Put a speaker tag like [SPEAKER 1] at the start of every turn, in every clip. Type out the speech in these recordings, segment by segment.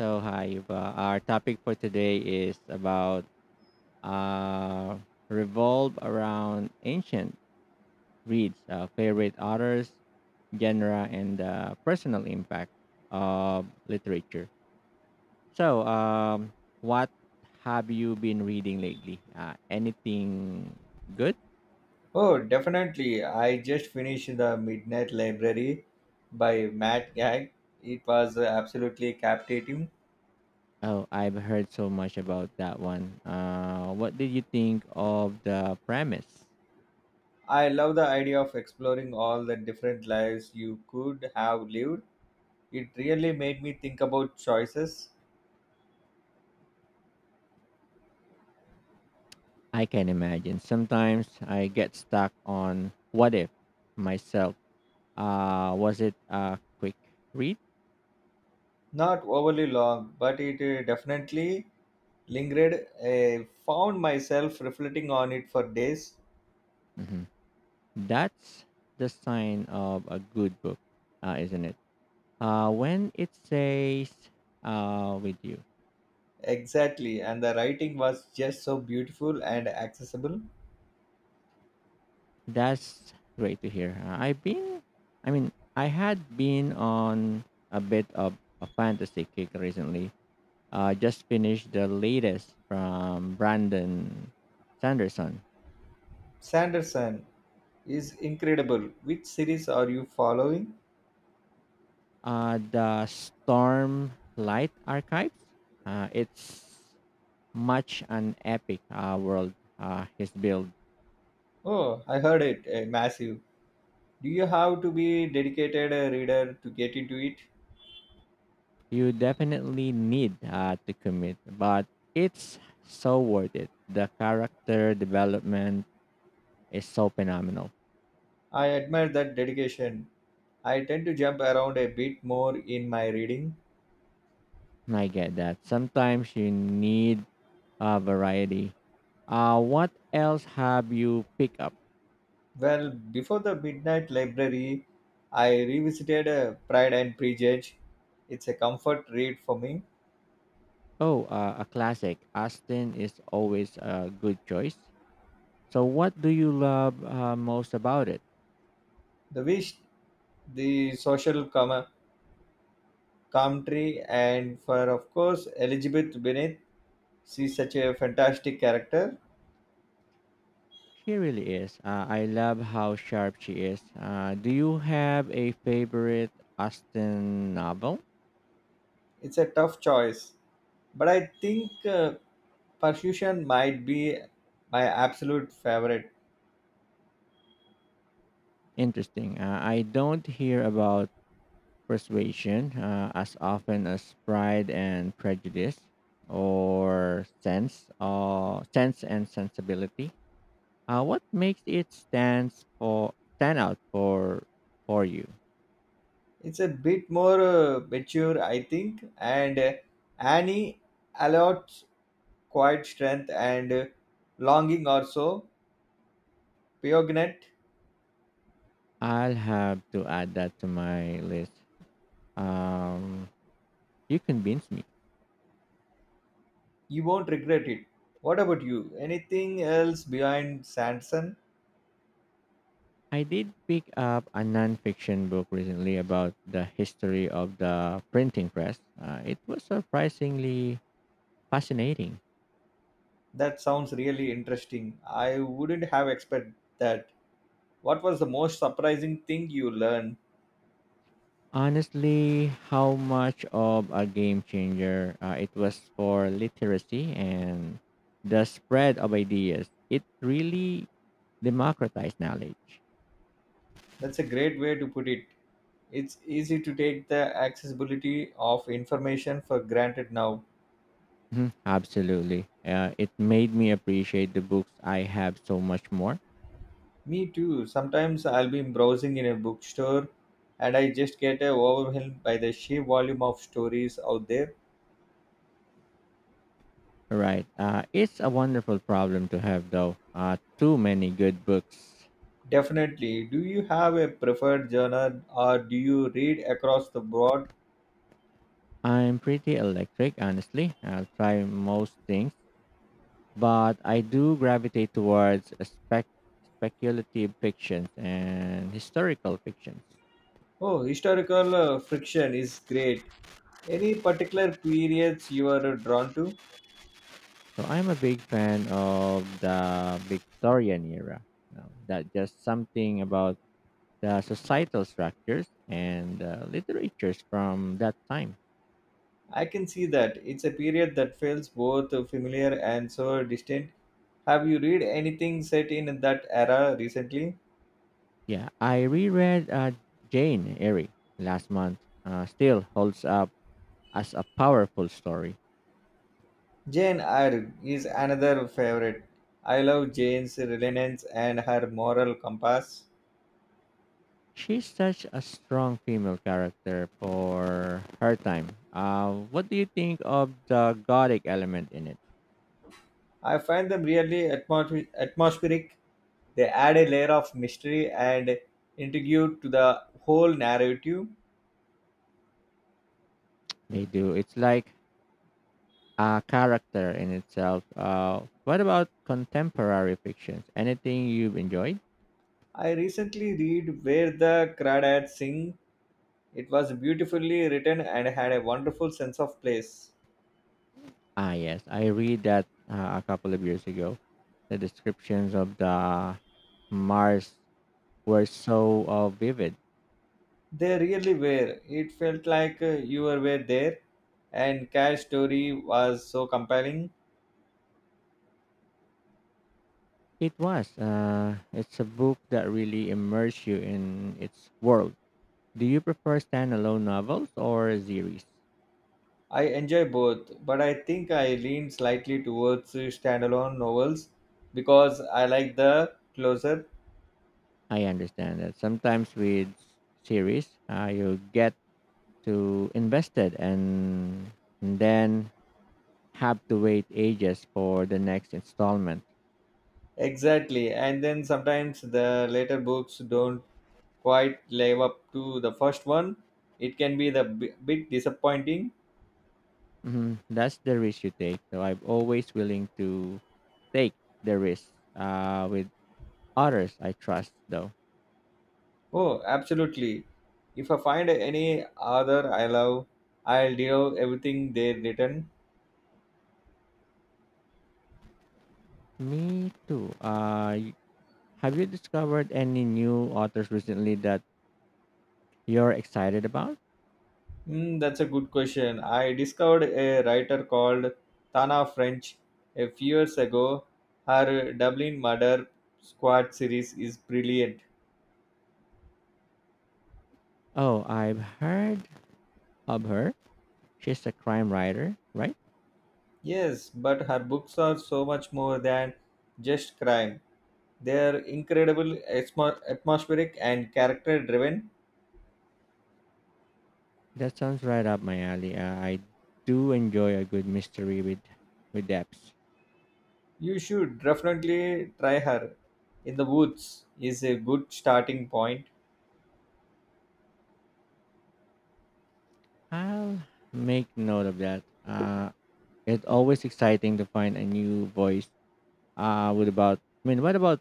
[SPEAKER 1] So hi, Yuba. Our topic for today is about uh, revolve around ancient reads, favorite authors, genre, and personal impact of literature. So what have you been reading lately? Anything good?
[SPEAKER 2] Oh, definitely. I just finished The Midnight Library by Matt Gag. It was absolutely captivating.
[SPEAKER 1] Oh, I've heard so much about that one. What did you think of the premise?
[SPEAKER 2] I love the idea of exploring all the different lives you could have lived. It really made me think about choices.
[SPEAKER 1] I can imagine. Sometimes I get stuck on what if myself. Was it a quick read?
[SPEAKER 2] Not overly long, but it definitely lingered. I found myself reflecting on it for days.
[SPEAKER 1] hmm That's the sign of a good book, isn't it? When it says with you,
[SPEAKER 2] Exactly, and the writing was just so beautiful and accessible.
[SPEAKER 1] that's great to hear. I had been on a bit of a fantasy kick recently. I just finished the latest from Brandon Sanderson.
[SPEAKER 2] Sanderson, is incredible. Which series are you following?
[SPEAKER 1] The Stormlight Archives. It's much an epic world he's built.
[SPEAKER 2] Oh, I heard it. Massive. Do you have to be dedicated reader to get into it?
[SPEAKER 1] You definitely need to commit, but it's so worth it. The character development is so phenomenal.
[SPEAKER 2] I admire that dedication. I tend to jump around a bit more in my reading.
[SPEAKER 1] I get that. Sometimes you need variety. What else have you picked up?
[SPEAKER 2] Well, before the Midnight Library, I revisited Pride and Prejudice. It's a comfort read for me.
[SPEAKER 1] Oh, a classic. Aston is always a good choice. So, what do you love most about it?
[SPEAKER 2] The wish, the commentary, and for of course Elizabeth Bennet. She's such a fantastic character.
[SPEAKER 1] She really is. I love how sharp she is. Do you have a favorite Austen novel?
[SPEAKER 2] It's a tough choice, but I think Persuasion might be my absolute favorite.
[SPEAKER 1] Interesting. I don't hear about Persuasion as often as Pride and Prejudice or Sense and Sensibility. What makes it stand out for you?
[SPEAKER 2] It's a bit more mature, I think, and Annie allots quiet strength and longing also. Piognette,
[SPEAKER 1] I'll have to add that to my list. Um, You convinced me.
[SPEAKER 2] you won't regret it. What about you? Anything else behind Sanson?
[SPEAKER 1] I did pick up a nonfiction book recently about the history of the printing press. It was surprisingly fascinating.
[SPEAKER 2] That sounds really interesting. I wouldn't have expected that. What was the most surprising thing you learned?
[SPEAKER 1] Honestly, how much of a game changer it was for literacy and the spread of ideas. It really democratized knowledge.
[SPEAKER 2] That's a great way to put it. It's easy to take the accessibility of information for granted now.
[SPEAKER 1] Mhm. Absolutely. It made me appreciate the books I have so much more.
[SPEAKER 2] Me too. Sometimes I'll be browsing in a bookstore and I just get overwhelmed by the sheer volume of stories out there.
[SPEAKER 1] Right. It's a wonderful problem to have, though. Too many good books.
[SPEAKER 2] Definitely. Do you have a preferred genre or do you read across the board?
[SPEAKER 1] I'm pretty electric, honestly. I'll try most things, but I do gravitate towards speculative fictions and historical fictions.
[SPEAKER 2] Oh, historical friction is great. Any particular periods you are drawn to?
[SPEAKER 1] So I'm a big fan of the Victorian era. Now, that just something about the societal structures and literatures from that time.
[SPEAKER 2] I can see that. It's a period that feels both familiar and so distant. Have you read anything set in that era recently?
[SPEAKER 1] Yeah, I reread Jane Eyre last month. Still holds up as a powerful story.
[SPEAKER 2] Jane Eyre is another favorite. I love Jane's resilience and her moral compass.
[SPEAKER 1] She's such a strong female character for her time. What do you think of the gothic element in it?
[SPEAKER 2] I find them really atmospheric. They add a layer of mystery and intrigue to the whole narrative.
[SPEAKER 1] They do. It's like a character in itself. What about contemporary fictions? Anything you've enjoyed?
[SPEAKER 2] I recently read Where the Crawdads Sing. It was beautifully written and had a wonderful sense of place.
[SPEAKER 1] Ah, yes. I read that a couple of years ago. The descriptions of the Mars were so vivid.
[SPEAKER 2] They really were. It felt like you were there, and Cash's story was so compelling.
[SPEAKER 1] It was. It's a book that really immerses you in its world. Do you prefer standalone novels or series?
[SPEAKER 2] I enjoy both, but I think I lean slightly towards standalone novels because I like the closer.
[SPEAKER 1] I understand that sometimes with series, you get too invested and then have to wait ages for the next installment.
[SPEAKER 2] Exactly, and then sometimes the later books don't quite live up to the first one. It can be the bit disappointing.
[SPEAKER 1] Mhm. That's the risk you take. So I'm always willing to take the risk with others I trust, though.
[SPEAKER 2] Oh, absolutely. If I find any other I love, I'll devour everything they written.
[SPEAKER 1] Me too. Have you discovered any new authors recently that you're excited about?
[SPEAKER 2] Hmm, that's a good question. I discovered a writer called Tana French a few years ago. Her Dublin Murder Squad series is brilliant.
[SPEAKER 1] Oh, I've heard of her. She's a crime writer, right?
[SPEAKER 2] Yes, but her books are so much more than just crime. They are incredible, atmospheric, and character driven.
[SPEAKER 1] That sounds right up my alley. I do enjoy a good mystery with depth.
[SPEAKER 2] You should definitely try her. In the Woods is a good starting point.
[SPEAKER 1] I'll make note of that. It's always exciting to find a new voice. What about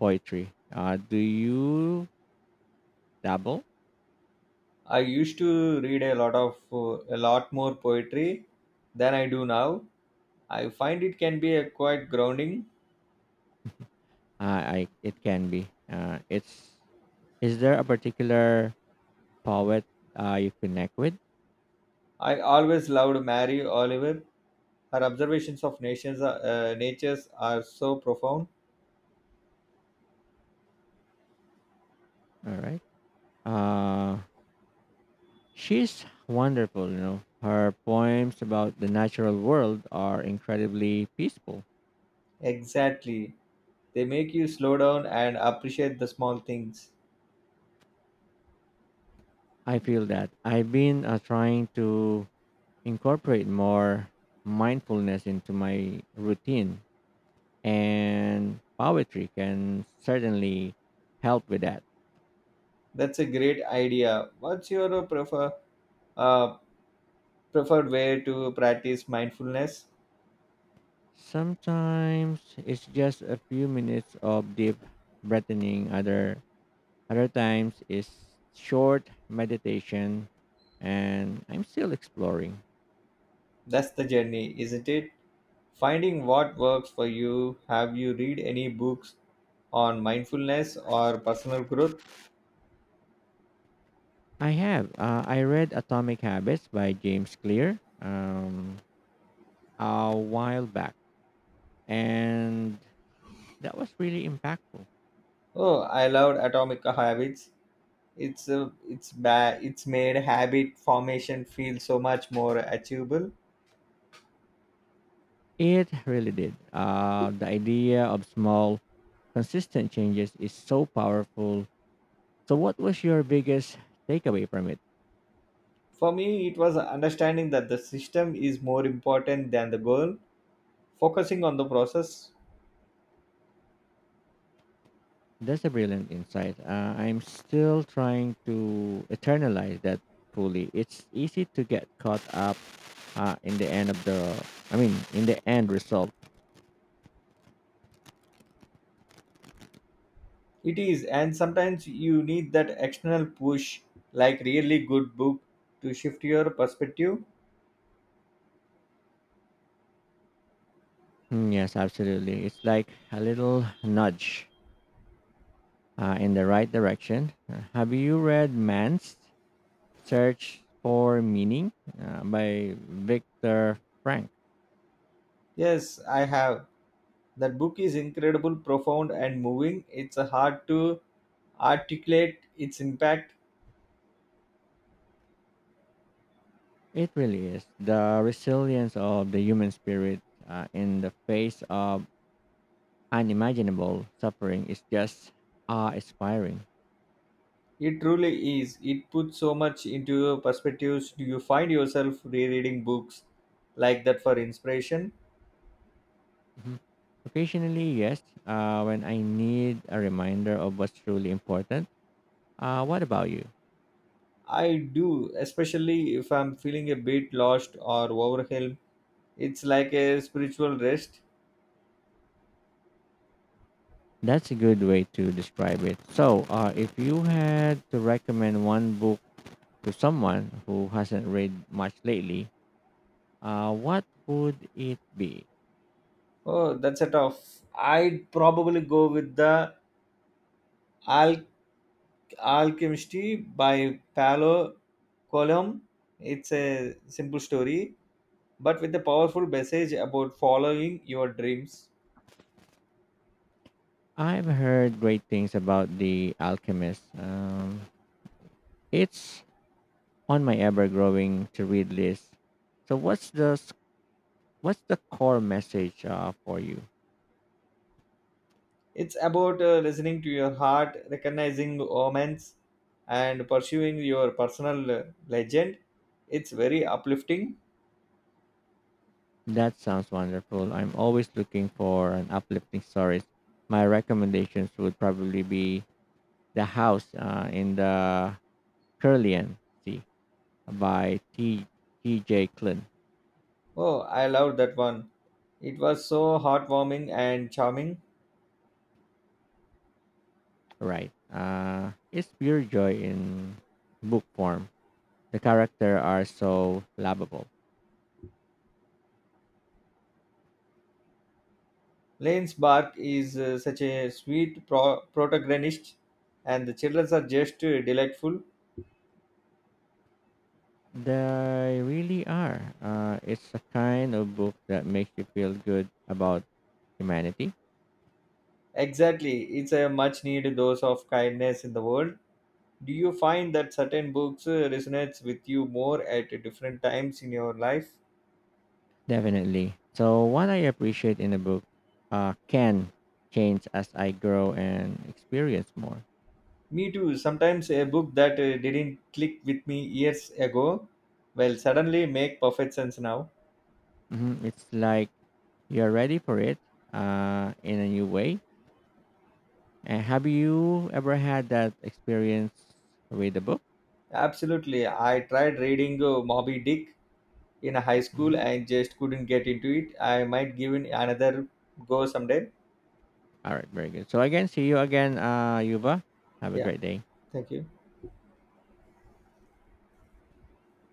[SPEAKER 1] poetry? Do you dabble?
[SPEAKER 2] I used to read a lot of a lot more poetry than I do now. I find it can be a quite grounding.
[SPEAKER 1] I it can be. It's Is there a particular poet you connect with?
[SPEAKER 2] I always loved Mary Oliver. Her observations of nations, natures are so profound.
[SPEAKER 1] All right. Uh, she's wonderful. You know, her poems about the natural world are incredibly peaceful.
[SPEAKER 2] Exactly. They make you slow down and appreciate the small things.
[SPEAKER 1] I feel that I've been trying to incorporate more mindfulness into my routine, and poetry can certainly help with that.
[SPEAKER 2] That's a great idea. What's your uh, preferred way to practice mindfulness?
[SPEAKER 1] Sometimes it's just a few minutes of deep breathing. Other times it's short meditation, and I'm still exploring.
[SPEAKER 2] That's the journey, isn't it? Finding what works for you. Have you read any books on mindfulness or personal growth?
[SPEAKER 1] I have. I read Atomic Habits by James Clear a while back, and that was really impactful.
[SPEAKER 2] Oh, I loved Atomic Habits. It's a it's bad it's made habit formation feel so much more achievable.
[SPEAKER 1] It really did. The idea of small, consistent changes is so powerful. So, what was your biggest takeaway from it?
[SPEAKER 2] For me, it was understanding that the system is more important than the goal, focusing on the process.
[SPEAKER 1] That's a brilliant insight. I'm still trying to eternalize that fully. It's easy to get caught up in the end of the, I mean, in the end result.
[SPEAKER 2] It is, and sometimes you need that external push, like really good book, to shift your perspective.
[SPEAKER 1] Mm, yes, absolutely. It's like a little nudge in the right direction. Have you read Man's Search for Meaning by Viktor Frank?
[SPEAKER 2] Yes, I have. That book is incredible, profound, and moving. It's hard to articulate its impact.
[SPEAKER 1] It really is the resilience of the human spirit in the face of unimaginable suffering is just awe inspiring.
[SPEAKER 2] It truly is. It puts so much into your perspectives. Do you find yourself rereading books like that for inspiration?
[SPEAKER 1] Mhm. Occasionally, yes, when I need a reminder of what's truly important. What about you?
[SPEAKER 2] I do, especially if I'm feeling a bit lost or overwhelmed. It's like a spiritual rest.
[SPEAKER 1] That's a good way to describe it. So, if you had to recommend one book to someone who hasn't read much lately, what would it be?
[SPEAKER 2] Oh, that's a tough. I'd probably go with the Al- Alchemistry by Paolo Coelho. It's a simple story, but with a powerful message about following your dreams.
[SPEAKER 1] I've heard great things about The Alchemist. It's on my ever growing to read list. So, what's the core message for you?
[SPEAKER 2] It's about listening to your heart, recognizing omens, and pursuing your personal legend. It's very uplifting.
[SPEAKER 1] That sounds wonderful. I'm always looking for an uplifting stories. My recommendations would probably be The House in the Caribbean Sea by T J. T.J. Klin.
[SPEAKER 2] Oh, I loved that one. It was so heartwarming and charming.
[SPEAKER 1] Right. It's pure joy in book form. The character are so lovable.
[SPEAKER 2] Lane's Bark is such a sweet protagonist, and the children are just delightful.
[SPEAKER 1] They really are. It's a kind of book that makes you feel good about humanity.
[SPEAKER 2] Exactly, it's a much needed dose of kindness in the world. Do you find that certain books resonates with you more at different times in your life?
[SPEAKER 1] Definitely. So what I appreciate in a book can change as I grow and experience more.
[SPEAKER 2] Me too. Sometimes a book that didn't click with me years ago will suddenly make perfect sense now.
[SPEAKER 1] It's like you're ready for it in a new way. And have you ever had that experience with a book?
[SPEAKER 2] Absolutely. I tried reading Moby Dick in high school
[SPEAKER 1] Mhm.
[SPEAKER 2] and just couldn't get into it. I might give it another go someday.
[SPEAKER 1] All right, very good. So again, see you again, Yuva. Have a
[SPEAKER 2] Yeah,
[SPEAKER 1] great day.
[SPEAKER 2] thank you.